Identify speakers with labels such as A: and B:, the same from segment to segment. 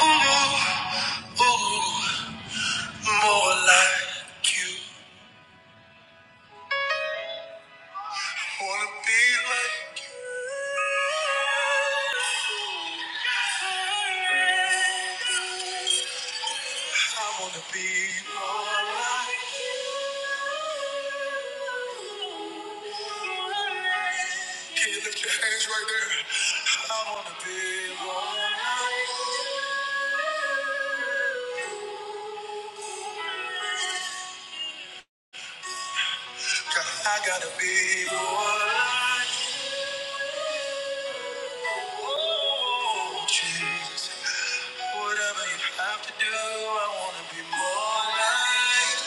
A: Ooh, ooh, more like you. Wanna be like you. I wanna be more. Can you lift your hands right there? I wanna be more like you. I gotta be the one. Oh, Jesus. Whatever you have to do, I wanna be more like.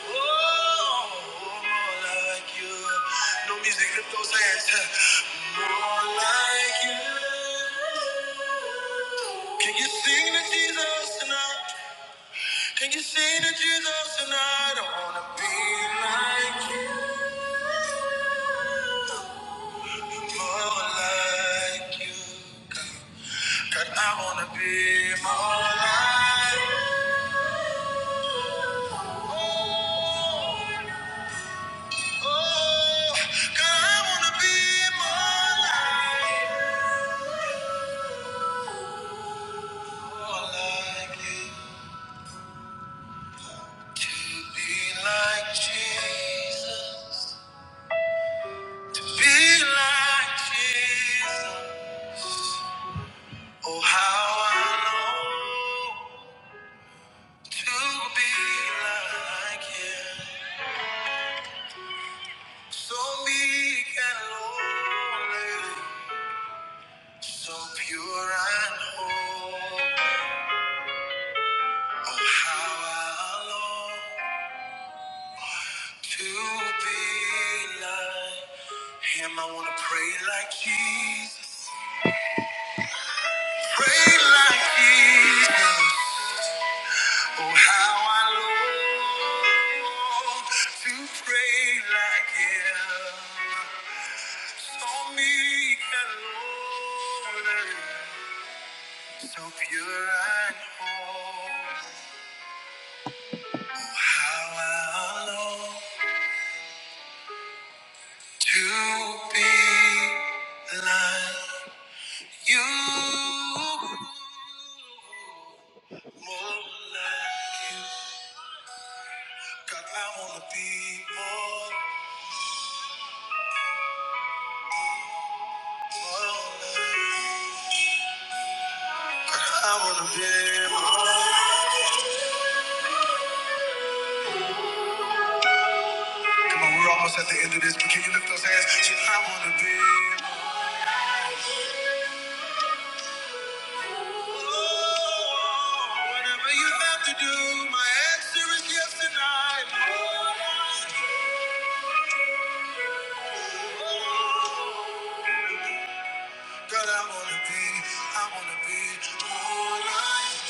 A: Oh, more like you. No music, lift those hands. More like you. Can you sing to Jesus tonight? Can you sing to Jesus tonight? I wanna be like you. More like you, God. God, I wanna be more like you. Oh, God, I wanna be more like More like you. To be like Jesus. To be like Jesus. Oh, how I long to be like him. So meek and lowly. So pure and holy, oh how I long to be like Him. I wanna pray like Jesus, pray like Jesus. Oh how I long to pray like Him. So meek and lowly, so pure and holy, oh how I long. To be like you, more like you. God, I wanna be more, more like you. God, I wanna be more. Come on, we're almost at the end of this, but can you lift those hands? Say, I wanna be more. Whatever you have to do, my answer is yes tonight. I. God, I wanna be, I wanna be more like you.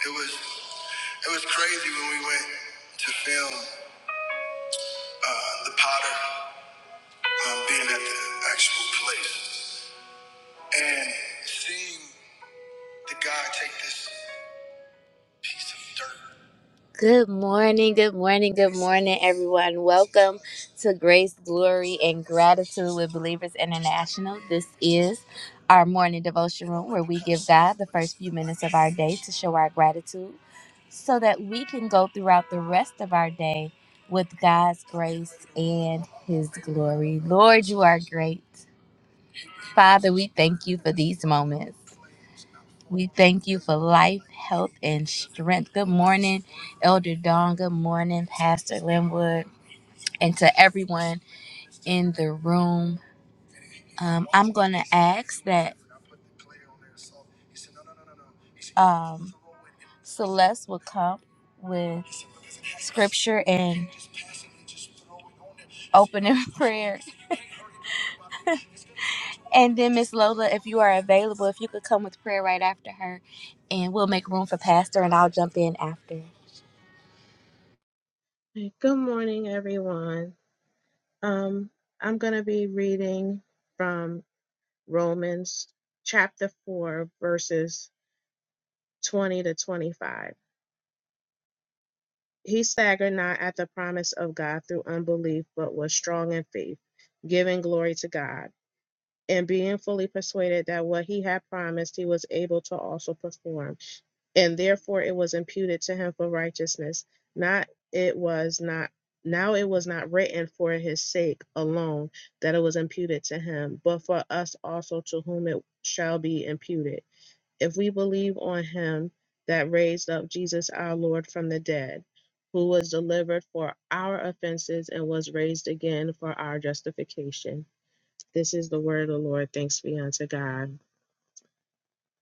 A: It was it was crazy when we went to film uh, the Potter um, being at the actual place and seeing the guy take this piece of dirt Good morning, good morning, good morning, everyone. Welcome to Grace, Glory, and Gratitude with Believers International. This is our morning devotion room where we give God the first few minutes of our day to show our gratitude so that we can go throughout the rest of our day with God's grace and His glory. Lord, you are great. Father, we thank you for these moments. We thank you for life, health, and strength. Good morning, Elder Dawn. Good morning, Pastor Linwood. And to everyone in the room, um, I'm going to ask that um, Celeste will come with scripture and opening prayer. And then, Miss Lola, if you are available, if you could come with prayer right after her, and we'll make room for Pastor, and I'll jump in after.
B: Okay, Good morning, everyone. Um, I'm going to be reading from Romans chapter 4, verses 20 to 25. He staggered not at the promise of God through unbelief, but was strong in faith, giving glory to God and being fully persuaded that what he had promised he was able to also perform and therefore it was imputed to him for righteousness not it was not now it was not written for his sake alone that it was imputed to him but for us also to whom it shall be imputed if we believe on him that raised up Jesus our lord from the dead who was delivered for our offenses and was raised again for our justification this is the word of the Lord. Thanks be unto God.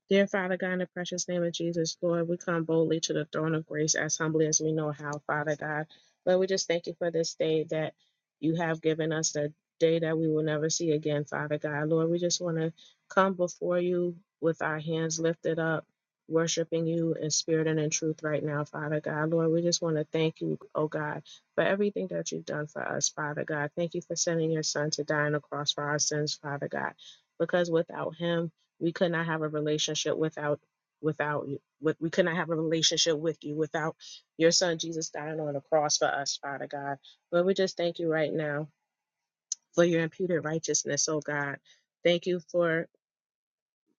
B: Dear Father God, in the precious name of Jesus, Lord, we come boldly to the throne of grace as humbly as we know how, Father God. Lord, we just thank you for this day that you have given us, the day that we will never see again, Father God. Lord, we just want to come before you with our hands lifted up, worshiping you in spirit and in truth right now, Father God. Lord, we just want to thank you, oh God, for everything that you've done for us, Father God. Thank you for sending your son to die on the cross for our sins, Father God, because without him, we could not have a relationship without without you with, we could not have a relationship with you without your son jesus dying on the cross for us father god Lord, we just thank you right now for your imputed righteousness oh god thank you for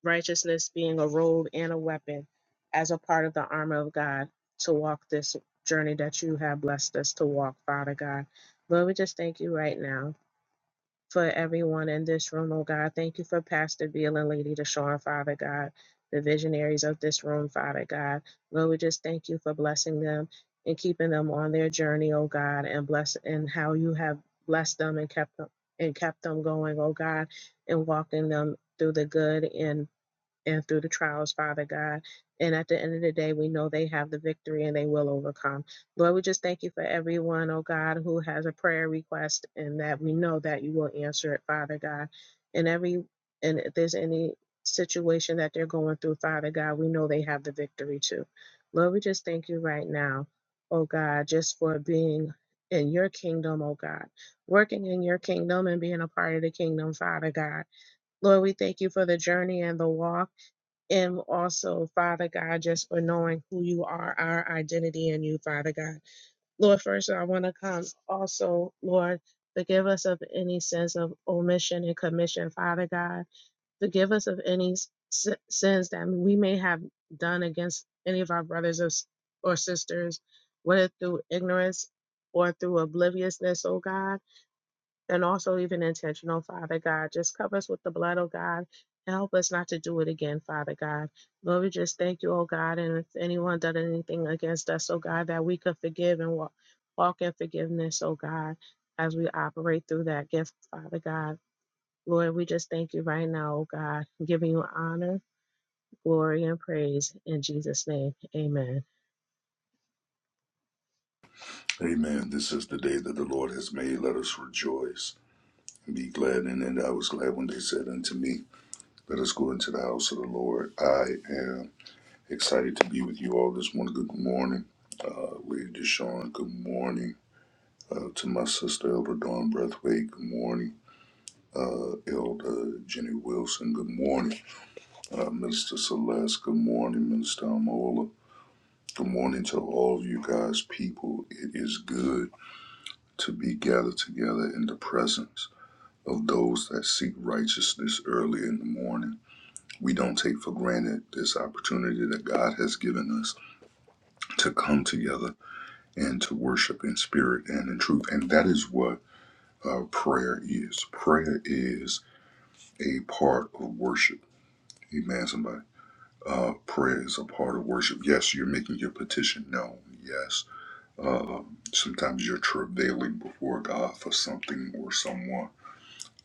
B: righteousness being a robe and a weapon as a part of the armor of god to walk this journey that you have blessed us to walk father god Lord, we just thank you right now for everyone in this room, oh God. Thank you for Pastor Beal and Lady Deshawn. Father God, the visionaries of this room, Father God. Lord, we just thank you for blessing them and keeping them on their journey, oh God, and bless and how you have blessed them and kept them and kept them going, oh God, and walking them through the good and and through the trials, Father God. And at the end of the day, we know they have the victory and they will overcome. Lord, we just thank you for everyone, oh God, who has a prayer request and that we know that you will answer it, Father God. And every and if there's any situation that they're going through, Father God, we know they have the victory too. Lord, we just thank you right now, oh God, just for being in your kingdom, oh God, working in your kingdom and being a part of the kingdom, Father God. Lord, we thank you for the journey and the walk. And also, Father God, just for knowing who you are, our identity in you, Father God. Lord, first, I want to come also, Lord, forgive us of any sense of omission and commission, Father God. Forgive us of any s- si, sins that we may have done against any of our brothers or s- or sisters, whether through ignorance or through obliviousness, oh God and also even intentional, Father God. Just cover us with the blood, oh God. and Help us not to do it again, Father God. Lord, we just thank you, oh God. And if anyone done anything against us, oh God, that we could forgive and walk, walk in forgiveness, oh God, as we operate through that gift, Father God. Lord, we just thank you right now, oh God, giving you honor, glory, and praise in Jesus' name. Amen.
C: Amen. This is the day that the Lord has made. Let us rejoice and be glad in it. I was glad when they said unto me, Let us go into the house of the Lord. I am excited to be with you all this morning. Good morning, uh, Lady Deshawn. Good morning uh, to my sister, Elder Dawn Breathway. Good morning. Uh, Elder Jenny Wilson, good morning. Uh, Minister Celeste, good morning. Minister Amola, good morning to all of you guys, people. It is good to be gathered together in the presence of those that seek righteousness early in the morning. We don't take for granted this opportunity that God has given us to come together and to worship in spirit and in truth. And that is what uh, prayer is. Prayer is a part of worship. Amen, somebody. Uh, prayer is a part of worship. Yes, you're making your petition known. Yes. Uh, sometimes you're travailing before God for something or someone.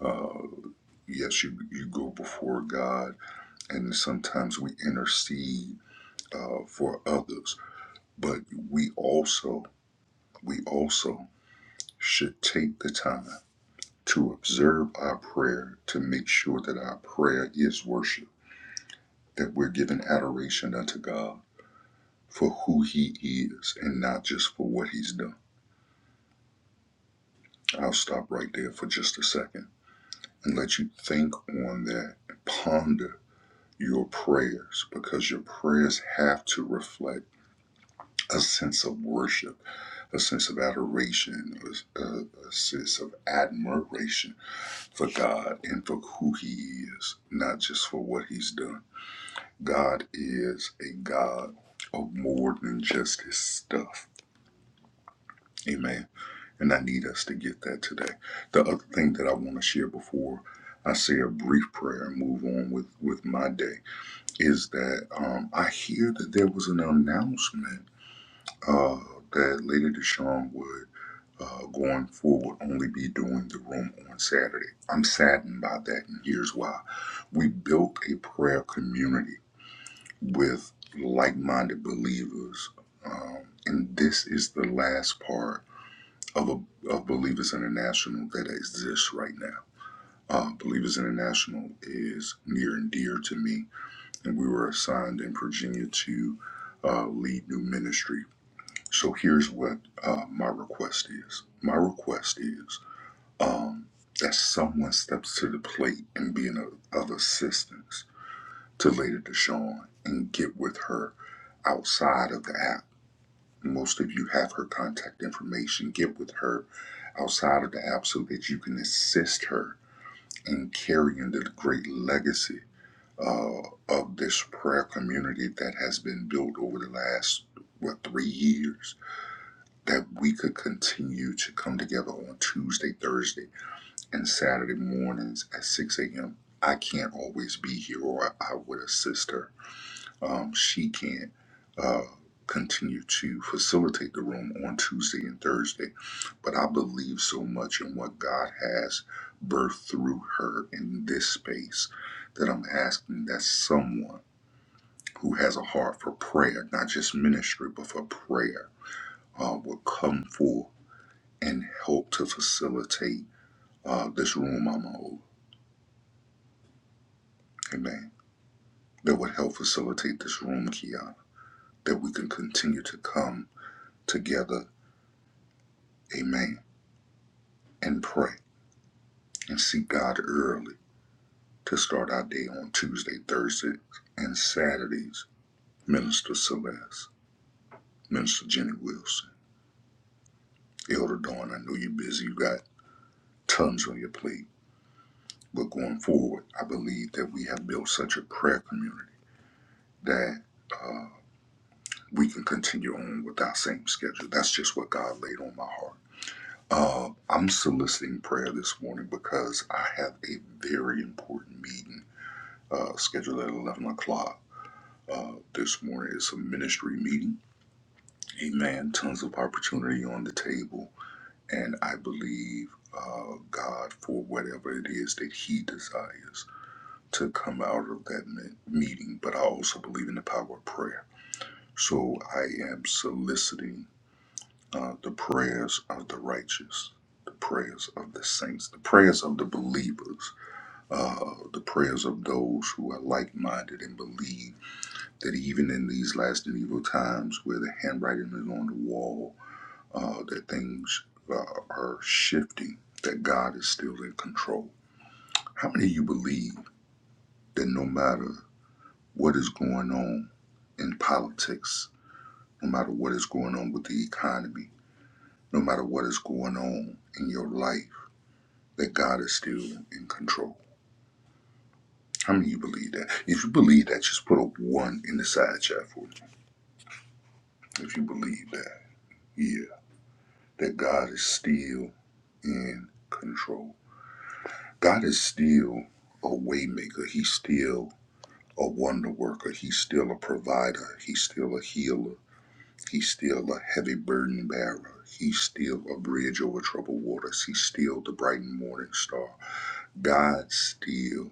C: Uh, yes, you, you go before God and sometimes we intercede uh, for others but we also we also should take the time to observe our prayer to make sure that our prayer is worship that we're giving adoration unto god for who he is and not just for what he's done i'll stop right there for just a second and let you think on that ponder your prayers because your prayers have to reflect a sense of worship a sense of adoration, a, a, sense of admiration for God and for who He is, not just for what He's done. God is a God of more than just His stuff. Amen. And I need us to get that today. The other thing that I want to share before I say a brief prayer and move on with, with my day is that um, I hear that there was an announcement uh, that Lady Deshawn was. uh, going forward only be doing the room on Saturday. I'm saddened by that, and here's why. We built a prayer community with like minded believers, um, and this is the last part of, a, of Believers International that exists right now. Uh, Believers International is near and dear to me, and we were assigned in Virginia to uh, lead new ministry. So here's what uh, my request is. My request is um, as someone steps to the plate and being of, of assistance to Lady Deshawn and get with her outside of the app. Most of you have her contact information. Get with her outside of the app so that you can assist her in carrying the great legacy uh, of this prayer community that has been built over the last, what, three years. That we could continue to come together on Tuesday, Thursday and Saturday mornings at 6 a.m. I can't always be here, or I, I would assist her. Um, she can't uh, continue to facilitate the room on Tuesday and Thursday, but I believe so much in what God has birthed through her in this space that I'm asking that someone who has a heart for prayer, not just ministry, but for prayer, uh, will come forth and help to facilitate uh, this room I'm over. Amen. that would help facilitate this room, Kiana, that we can continue to come together, amen, and pray and seek God early to start our day on Tuesday, Thursdays, and Saturdays. Minister Celeste, Minister Jenny Wilson, Elder Dawn, I know you're busy, you got tons on your plate, but going forward, I believe that we have built such a prayer community that uh, we can continue on with our same schedule. That's just what God laid on my heart Uh, I'm soliciting prayer this morning because I have a very important meeting uh, scheduled at 11 o'clock uh, this morning. It's a ministry meeting. Amen. Tons of opportunity on the table. And I believe uh, God for whatever it is that He desires to come out of that me- meeting. But I also believe in the power of prayer. So I am soliciting uh, the prayers of the righteous, the prayers of the saints, the prayers of the believers, uh, the prayers of those who are like minded and believe that even in these last and evil times where the handwriting is on the wall, uh, that things uh, are shifting, that God is still in control. How many of you believe that no matter what is going on in politics, no matter what is going on with the economy, no matter what is going on in your life, that God is still in control. How many of you believe that? If you believe that, just put a one in the side chat for me. If you believe that, yeah, that God is still in control. God is still a waymaker. He's still a wonder worker. He's still a provider. He's still a healer. He's still a heavy burden bearer. He's still a bridge over troubled waters. He's still the bright morning star. God still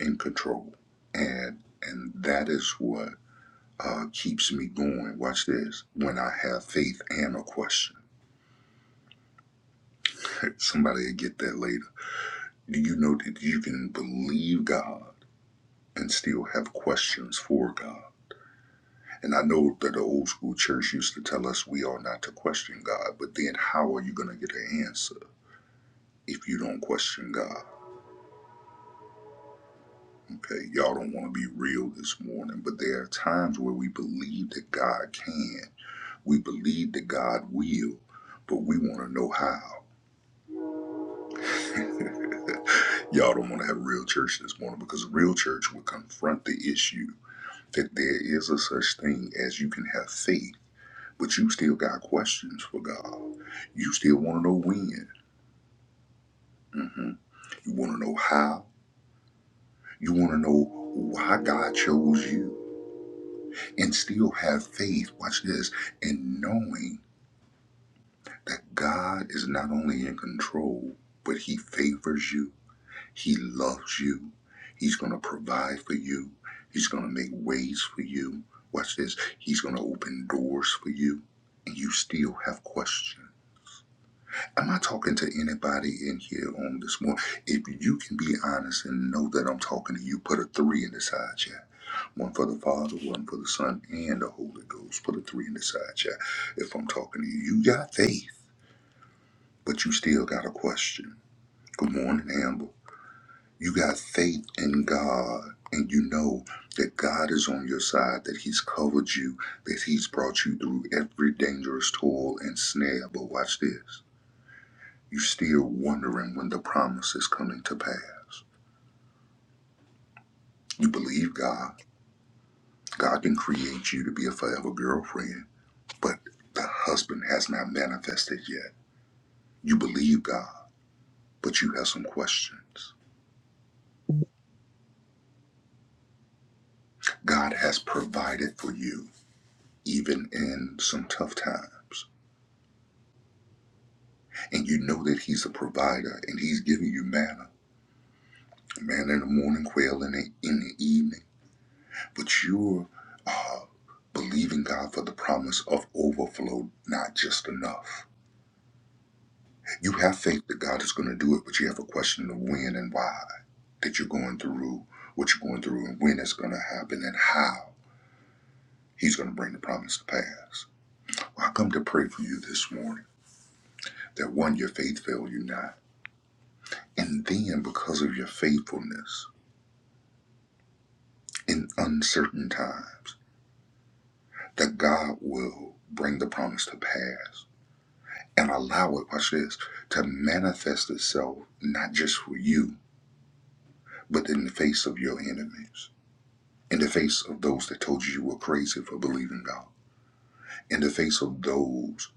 C: in control. And and that is what uh, keeps me going. Watch this. When I have faith and a question. Somebody will get that later. Do you know that you can believe God and still have questions for God? And I know that the old school church used to tell us we are not to question God, but then how are you going to get an answer if you don't question God? Okay, y'all don't want to be real this morning, but there are times where we believe that God can. We believe that God will, but we want to know how. Y'all don't want to have real church this morning because real church will confront the issue that there is a such thing as you can have faith, but you still got questions for God. You still want to know when. hmm You want to know how. You want to know why God chose you and still have faith. Watch this. And knowing that God is not only in control, but he favors you. He loves you. He's going to provide for you. He's going to make ways for you. Watch this. He's going to open doors for you. And you still have questions. Am I talking to anybody in here on this morning? If you can be honest and know that I'm talking to you, put a three in the side chat. One for the Father, one for the Son, and the Holy Ghost. Put a three in the side chat. If I'm talking to you, you got faith, but you still got a question. Good morning, Amber. You got faith in God, and you know that God is on your side, that He's covered you, that He's brought you through every dangerous toil and snare. But watch this you are still wondering when the promise is coming to pass. You believe God, God can create you to be a forever girlfriend, but the husband has not manifested yet. You believe God, but you have some questions. God has provided for you, even in some tough times. and you know that he's a provider and he's giving you manna manna in the morning quail in the, in the evening but you're uh, believing god for the promise of overflow not just enough you have faith that god is going to do it but you have a question of when and why that you're going through what you're going through and when it's going to happen and how he's going to bring the promise to pass well, i come to pray for you this morning that one your faith fail you not and then because of your faithfulness in uncertain times that God will bring the promise to pass and allow it, watch this, to manifest itself not just for you, but in the face of your enemies, in the face of those that told you you were crazy for believing God, in the face of those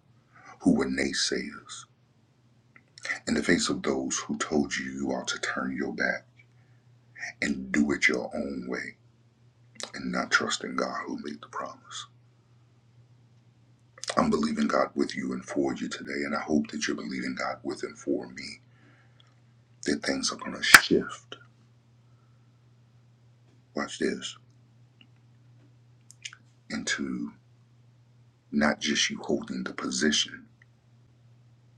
C: who were naysayers, in the face of those who told you you ought to turn your back and do it your own way and not trust in God who made the promise. I'm believing God with you and for you today, and I hope that you're believing God with and for me. That things are going to shift, watch this, into not just you holding the position,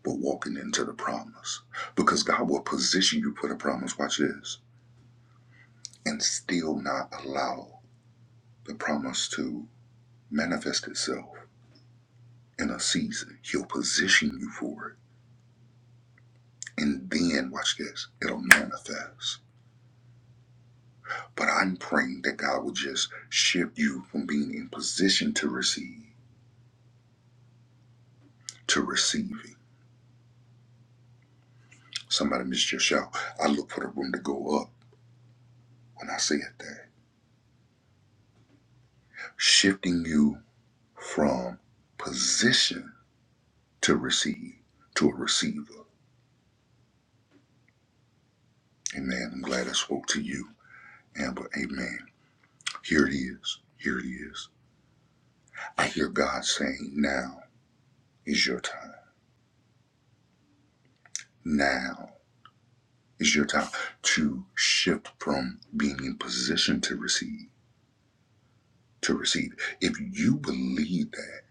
C: but walking into the promise. Because God will position you for the promise, watch this, and still not allow the promise to manifest itself in a season. He'll position you for it, and then, watch this, it'll manifest. But I'm praying that God will just shift you from being in position to receive to receiving. Somebody missed your shout. I look for the room to go up when I said that. Shifting you from position to receive to a receiver. Amen. I'm glad I spoke to you, Amber. Amen. Here it is. Here it is. I hear God saying, now is your time. Now is your time to shift from being in position to receive to receive it. If you believe that,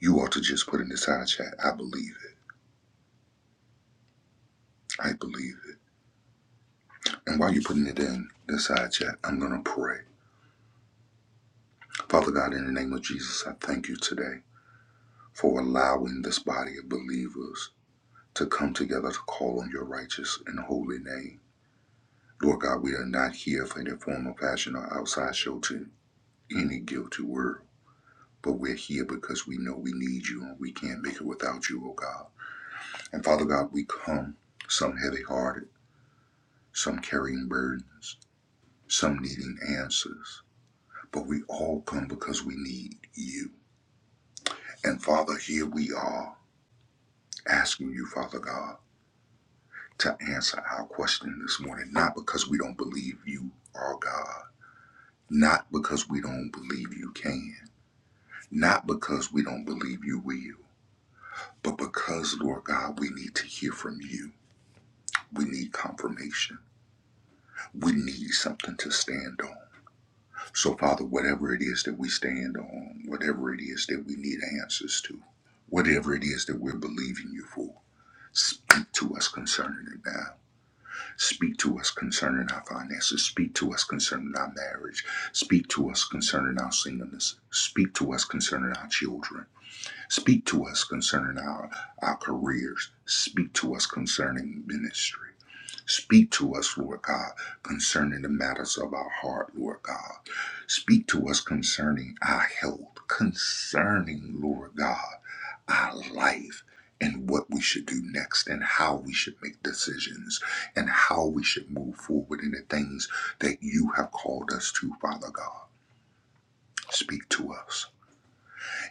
C: you ought to just put in the side chat, I believe it. I believe it. And while you're putting it in the side chat, I'm going to pray. Father God, in the name of Jesus, I thank you today for allowing this body of believers to come together to call on your righteous and holy name. Lord God, we are not here for any form of fashion or outside show to any guilty word, but we're here because we know we need you and we can't make it without you, oh God. And Father God, we come some heavy hearted some carrying burdens, some needing answers. But we all come because we need you. And Father, here we are asking you, Father God, to answer our question this morning, not because we don't believe you are God, not because we don't believe you can, not because we don't believe you will. But because, Lord God, we need to hear from you. We need confirmation. We need something to stand on. So, Father, whatever it is that we stand on, whatever it is that we need answers to, whatever it is that we're believing you for, speak to us concerning it now. Speak to us concerning our finances. Speak to us concerning our marriage. Speak to us concerning our singleness. Speak to us concerning our children. Speak to us concerning our, our careers. Speak to us concerning ministry. Speak to us, Lord God, concerning the matters of our heart, Lord God. Speak to us concerning our health, concerning, Lord God, our life and what we should do next and how we should make decisions and how we should move forward in the things that you have called us to, Father God. Speak to us.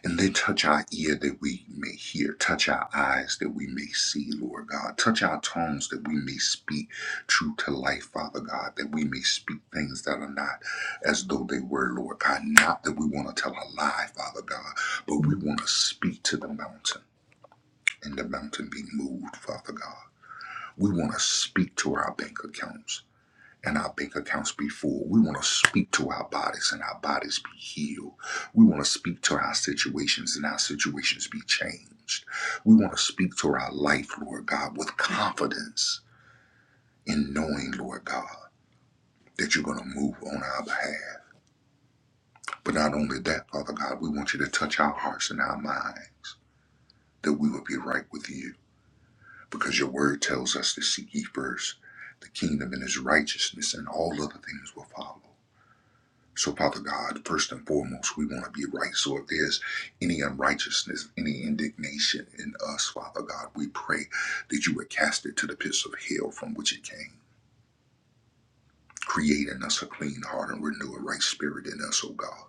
C: And they touch our ear that we may hear, touch our eyes that we may see, Lord God, touch our tongues that we may speak true to life, Father God, that we may speak things that are not as though they were, Lord God. Not that we want to tell a lie, Father God, but we want to speak to the mountain and the mountain be moved, Father God. We want to speak to our bank accounts and our bank accounts be full. We want to speak to our bodies and our bodies be healed. We want to speak to our situations and our situations be changed. We want to speak to our life, Lord God, with confidence in knowing, Lord God, that you're going to move on our behalf. But not only that, Father God, we want you to touch our hearts and our minds that we would be right with you because your word tells us to seek ye first the kingdom and his righteousness and all other things will follow. So, Father God, first and foremost, we want to be right. So, if there's any unrighteousness, any indignation in us, Father God, we pray that you would cast it to the pits of hell from which it came. Create in us a clean heart and renew a right spirit in us, O God.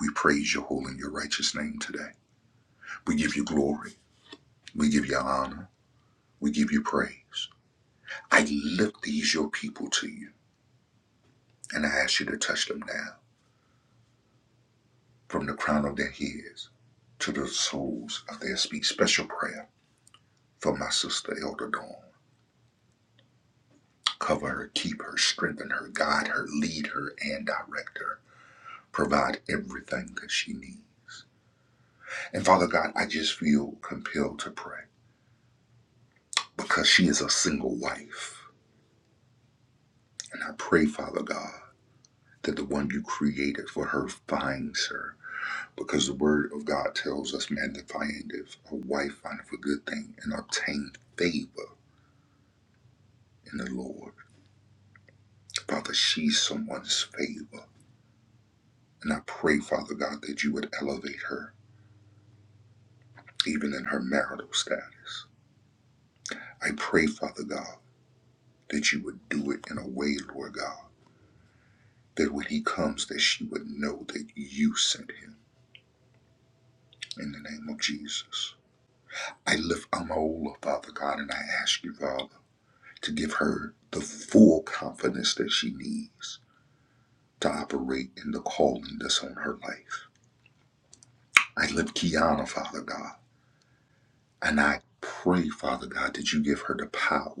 C: We praise your holy and your righteous name today. We give you glory. We give you honor. We give you praise. I lift these, your people, to you, and I ask you to touch them now from the crown of their heads to the soles of their feet. Special prayer for my sister Elder Dawn. Cover her, keep her, strengthen her, guide her, lead her, and direct her. Provide everything that she needs. And Father God, I just feel compelled to pray because she is a single wife. And I pray, Father God, that the one you created for her finds her. Because the word of God tells us, man, that findeth a wife findeth a good thing and obtain favor in the Lord. Father, she's someone's favor. And I pray, Father God, that you would elevate her, even in her marital status. I pray, Father God, that you would do it in a way, Lord God, that when he comes, that she would know that you sent him in the name of Jesus. I lift Amaola, Father God, and I ask you, Father, to give her the full confidence that she needs to operate in the calling that's on her life. I lift Kiana, Father God, and I pray, Father God, that you give her the power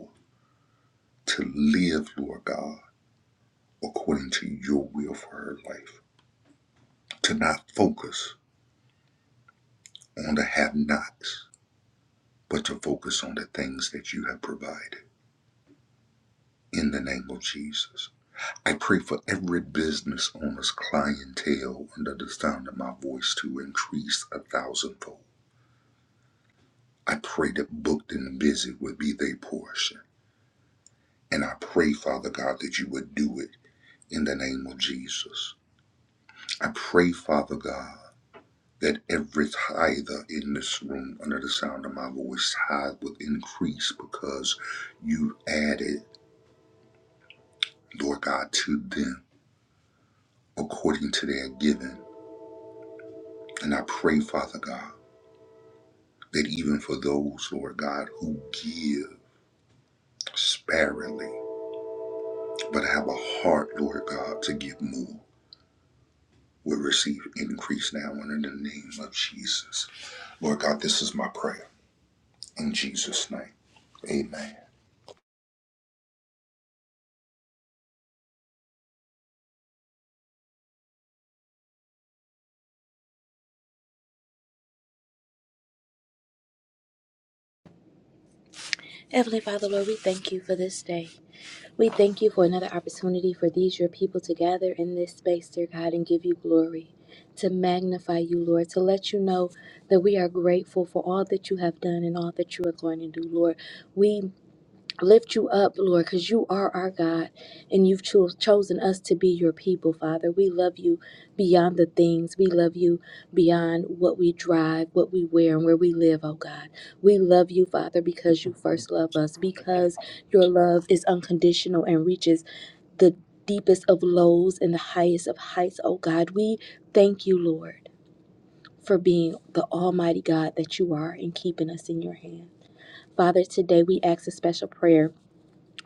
C: to live, Lord God, according to your will for her life, to not focus on the have nots, but to focus on the things that you have provided. In the name of Jesus, I pray for every business owner's clientele under the sound of my voice to increase a thousandfold. I pray that booked and busy would be their portion. And I pray, Father God, that you would do it in the name of Jesus. I pray, Father God that every tither in this room under the sound of my voice tithe will increase because you added, Lord God, to them according to their giving. And I pray, Father God, that even for those, Lord God, who give sparingly, but have a heart, Lord God, to give more, will receive increase now under the name of Jesus. Lord God, this is my prayer. In Jesus' name, amen.
A: Heavenly Father, Lord, we thank you for this day. We thank you for another opportunity for these, your people, to gather in this space, dear God, and give you glory, to magnify you, Lord, to let you know that we are grateful for all that you have done and all that you are going to do, Lord. We lift you up, Lord, because you are our God and you've cho- chosen us to be your people, Father. We love you beyond the things. We love you beyond what we drive, what we wear, and where we live, oh God. We love you, Father, because you first love us, because your love is unconditional and reaches the deepest of lows and the highest of heights, oh God. We thank you, Lord, for being the Almighty God that you are and keeping us in your hand. Father, today we ask a special prayer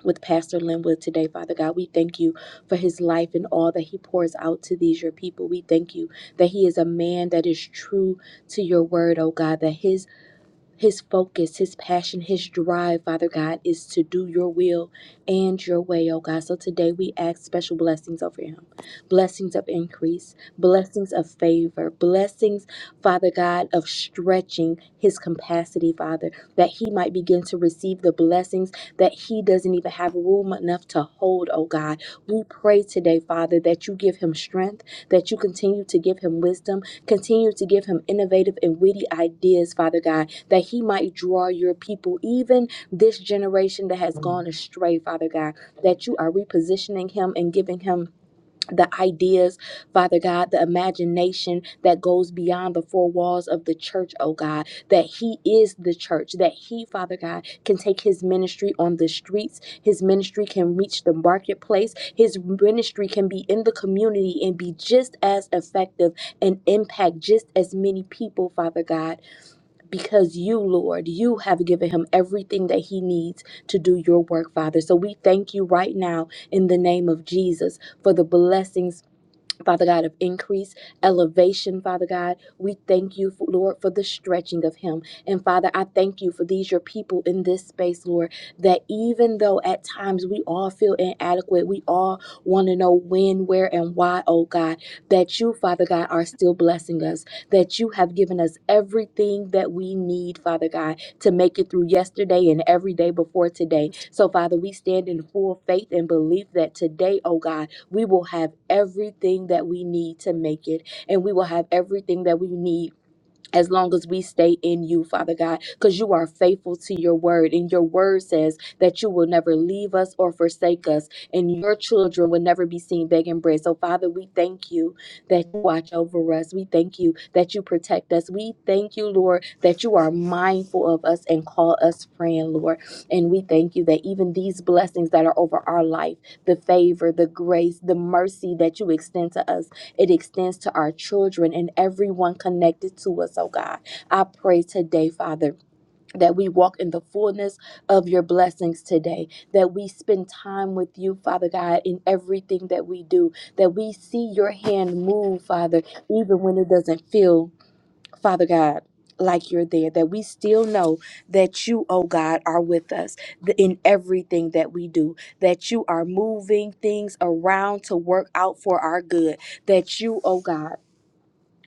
A: with Pastor Linwood today, Father God. We thank you for his life and all that he pours out to these, your people. We thank you that he is a man that is true to your word, oh God, that his his focus, his passion, his drive, Father God, is to do your will and your way, oh God. So today we ask special blessings over him blessings of increase, blessings of favor, blessings, Father God, of stretching his capacity, Father, that he might begin to receive the blessings that he doesn't even have room enough to hold, oh God. We pray today, Father, that you give him strength, that you continue to give him wisdom Continue to give him innovative and witty ideas, Father God, that he might draw your people, even this generation that has
D: Mm.
A: gone astray, Father God, that you are repositioning him and giving him the ideas, Father God, the imagination that goes beyond the four walls of the church, oh God, that He is the church, that He, Father God, can take His ministry on the streets, His ministry can reach the marketplace, His ministry can be in the community and be just as effective and impact just as many people, Father God, because you, Lord, you have given Him everything that He needs to do your work, Father. So we thank you right now in the name of Jesus for the blessings. Father God, of increase, elevation, Father God. We thank you, Lord, for the stretching of Him. And Father, I thank you for these, your people in this space, Lord, that even though at times we all feel inadequate, we all want to know when, where, and why, oh God, that you, Father God, are still blessing us, that you have given us everything that we need, Father God, to make it through yesterday and every day before today. So, Father, we stand in full faith and belief that today, oh God, we will have everything that we need to make it, and we will have everything that we need as long as we stay in you, Father God, because you are faithful to your word. And your word says that you will never leave us or forsake us, and your children will never be seen begging bread. So, Father, we thank you that you watch over us. We thank you that you protect us. We thank you, Lord, that you are mindful of us and call us friend, Lord. And we thank you that even these blessings that are over our life, the favor, the grace, the mercy that you extend to us, it extends to our children and everyone connected to us, oh God. I pray today, Father, that we walk in the fullness of your blessings today, that we spend time with you, Father God, in everything that we do, that we see your hand move, Father, even when it doesn't feel. Father God, like you're there, that we still know that you, oh God, are with us th- in everything that we do, that you are moving things around to work out for our good, that you, oh God,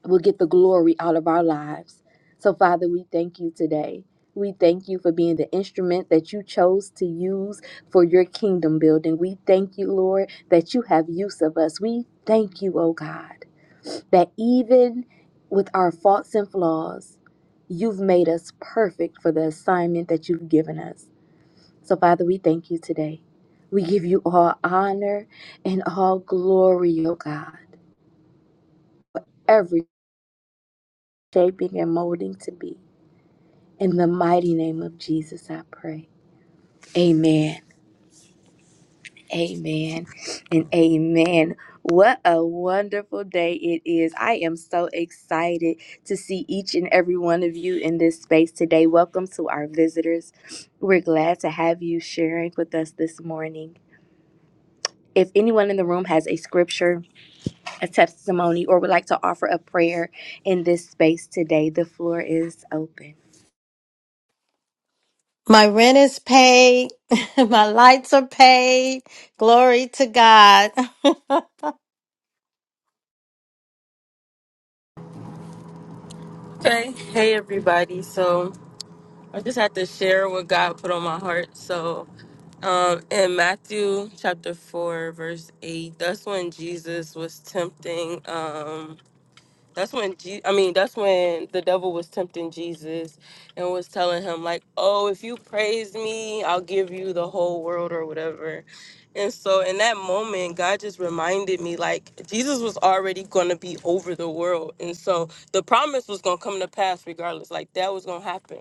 A: will get the glory out of our lives. So, Father, we thank you today. We thank you for being the instrument that you chose to use for your kingdom building. We thank you, Lord, that you have use of us. We thank you, oh God, that even with our faults and flaws, you've made us perfect for the assignment that you've given us. So, Father, we thank you today. We give you all honor and all glory, oh God, every shaping and molding to be. In the mighty name of Jesus, I pray. Amen. Amen. And amen. What a wonderful day it is. I am so excited to see each and every one of you in this space today. Welcome to our visitors. We're glad to have you sharing with us this morning. If anyone in the room has a scripture, a testimony, or would like to offer a prayer in this space today, the floor is open.
E: My rent is paid. My lights are paid. Glory to God.
F: Okay. Hey everybody. So I just had to share what God put on my heart. So um in Matthew chapter four verse eight, that's when Jesus was tempting. Um that's when Je- I mean, that's when the devil was tempting Jesus and was telling him like, "Oh, if you praise me, I'll give you the whole world or whatever." And so in that moment, God just reminded me like Jesus was already going to be over the world. And so the promise was going to come to pass regardless. Like that was going to happen.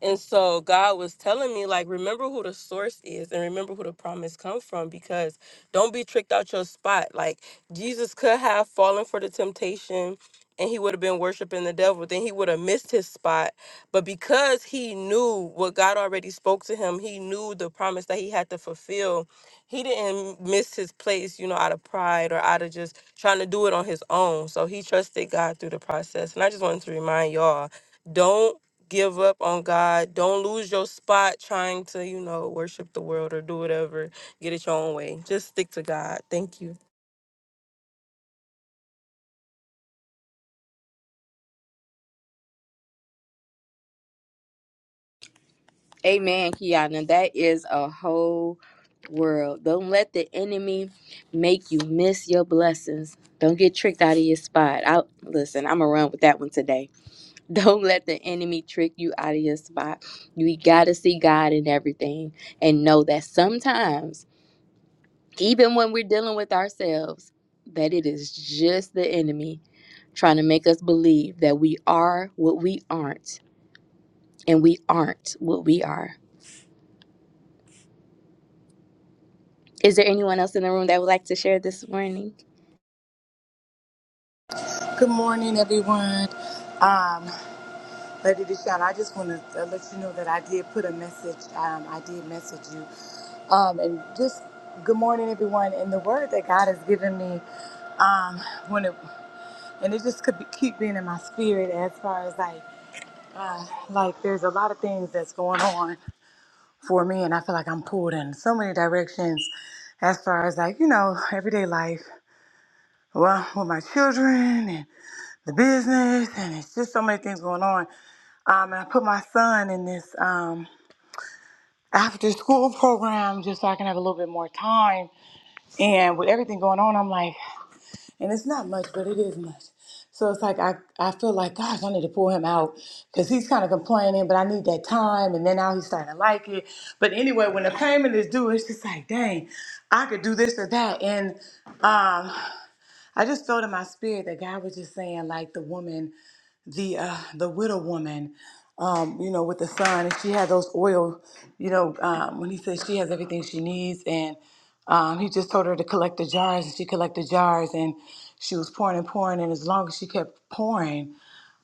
F: And so God was telling me like remember who the source is and remember who the promise come from because don't be tricked out your spot. Like Jesus could have fallen for the temptation and he would have been worshiping the devil, then he would have missed his spot. But because he knew what God already spoke to him, he knew the promise that he had to fulfill. He didn't miss his place, you know, out of pride or out of just trying to do it on his own. So he trusted God through the process. And I just wanted to remind y'all don't give up on God. Don't lose your spot trying to, you know, worship the world or do whatever. Get it your own way. Just stick to God. Thank you.
A: Amen, Kiana. That is a whole world. Don't let the enemy make you miss your blessings. Don't get tricked out of your spot. I listen, I'm gonna run with that one today. Don't let the enemy trick you out of your spot. You gotta see God in everything and know that sometimes, even when we're dealing with ourselves, that it is just the enemy trying to make us believe that we are what we aren't and we aren't what we are. Is there anyone else in the room that would like to share this morning?
G: Good morning, everyone. Um, Lady Deshawn, I just want to let you know that I did put a message. Um, I did message you, um, and just good morning, everyone. And the word that God has given me, um, when it and it just could be, keep being in my spirit as far as like, uh, like there's a lot of things that's going on for me, and I feel like I'm pulled in so many directions, as far as like you know everyday life. Well, with my children the business, and it's just so many things going on. Um, and I put my son in this um, after school program just so I can have a little bit more time. And with everything going on, I'm like, and it's not much, but it is much. So it's like I, I feel like, gosh, I need to pull him out because he's kind of complaining, but I need that time. And then now he's starting to like it. But anyway, when the payment is due, it's just like, dang, I could do this or that. And um, I just felt in my spirit that God was just saying, like the woman the uh, the widow woman, um, you know, with the son, and she had those oil, you know, um, when he said she has everything she needs, and um, he just told her to collect the jars, and she collected jars, and she was pouring and pouring, and as long as she kept pouring,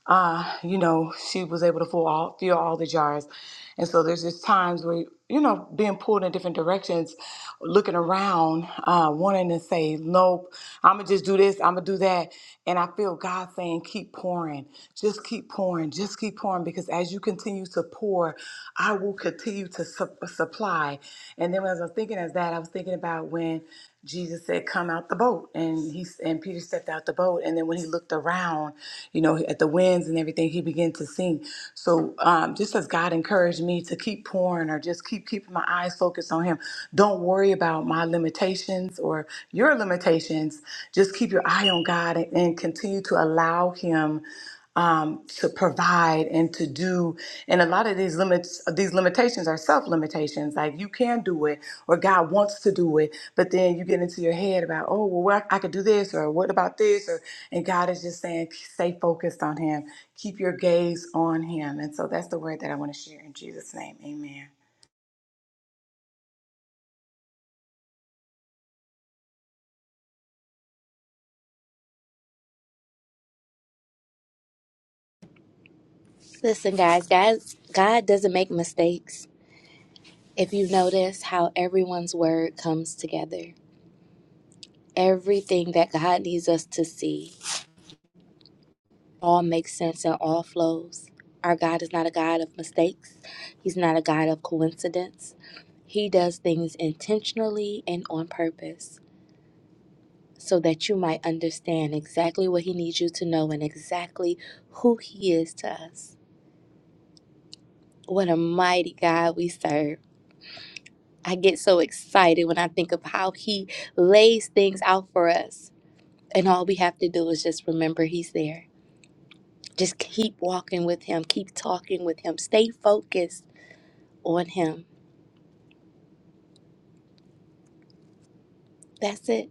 G: uh, you know, she was able to fill all, fill all the jars. And so there's just times where, you know, being pulled in different directions, looking around, uh, wanting to say, nope, I'm going to just do this, I'm going to do that. And I feel God saying, keep pouring, just keep pouring, just keep pouring, because as you continue to pour, I will continue to su- supply. And then as I was thinking of that, I was thinking about when. Jesus said, "Come out the boat," and he and Peter stepped out the boat. And then when he looked around, you know, at the winds and everything, he began to sing. So um, just as God encouraged me to keep pouring, or just keep keeping my eyes focused on Him, don't worry about my limitations or your limitations. Just keep your eye on God and, and continue to allow Him um, to provide and to do. And a lot of these limits, these limitations are self limitations. Like you can do it, or God wants to do it, but then you get into your head about, oh, well, what- I could do this, or what about this, or and God is just saying, stay focused on Him, keep your gaze on Him. And so that's the word that I want to share in Jesus' name. Amen.
A: Listen, guys, guys, God doesn't make mistakes. If you notice how everyone's word comes together, everything that God needs us to see all makes sense and all flows. Our God is not a God of mistakes, He's not a God of coincidence. He does things intentionally and on purpose so that you might understand exactly what He needs you to know and exactly who He is to us. What a mighty God we serve. I get so excited when I think of how He lays things out for us. And all we have to do is just remember He's there. Just keep walking with Him, keep talking with Him, stay focused on Him. That's it.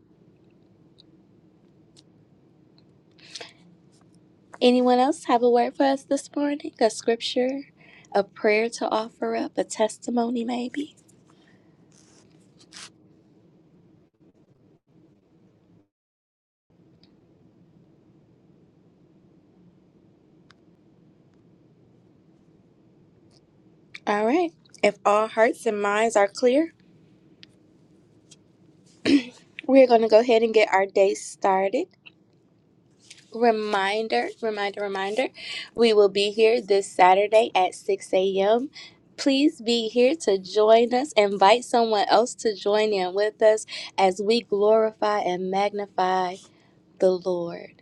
A: Anyone else have a word for us this morning? A scripture, a prayer to offer up, a testimony maybe? All right. If all hearts and minds are clear, we're going to go ahead and get our day started. Reminder, reminder, reminder. We will be here this Saturday at 6 a.m. Please be here to join us. Invite someone else to join in with us as we glorify and magnify the Lord.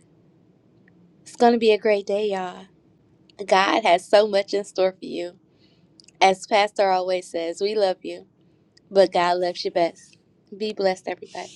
A: It's going to be a great day, y'all. God has so much in store for you. As Pastor always says, we love you, but God loves you best. Be blessed, everybody.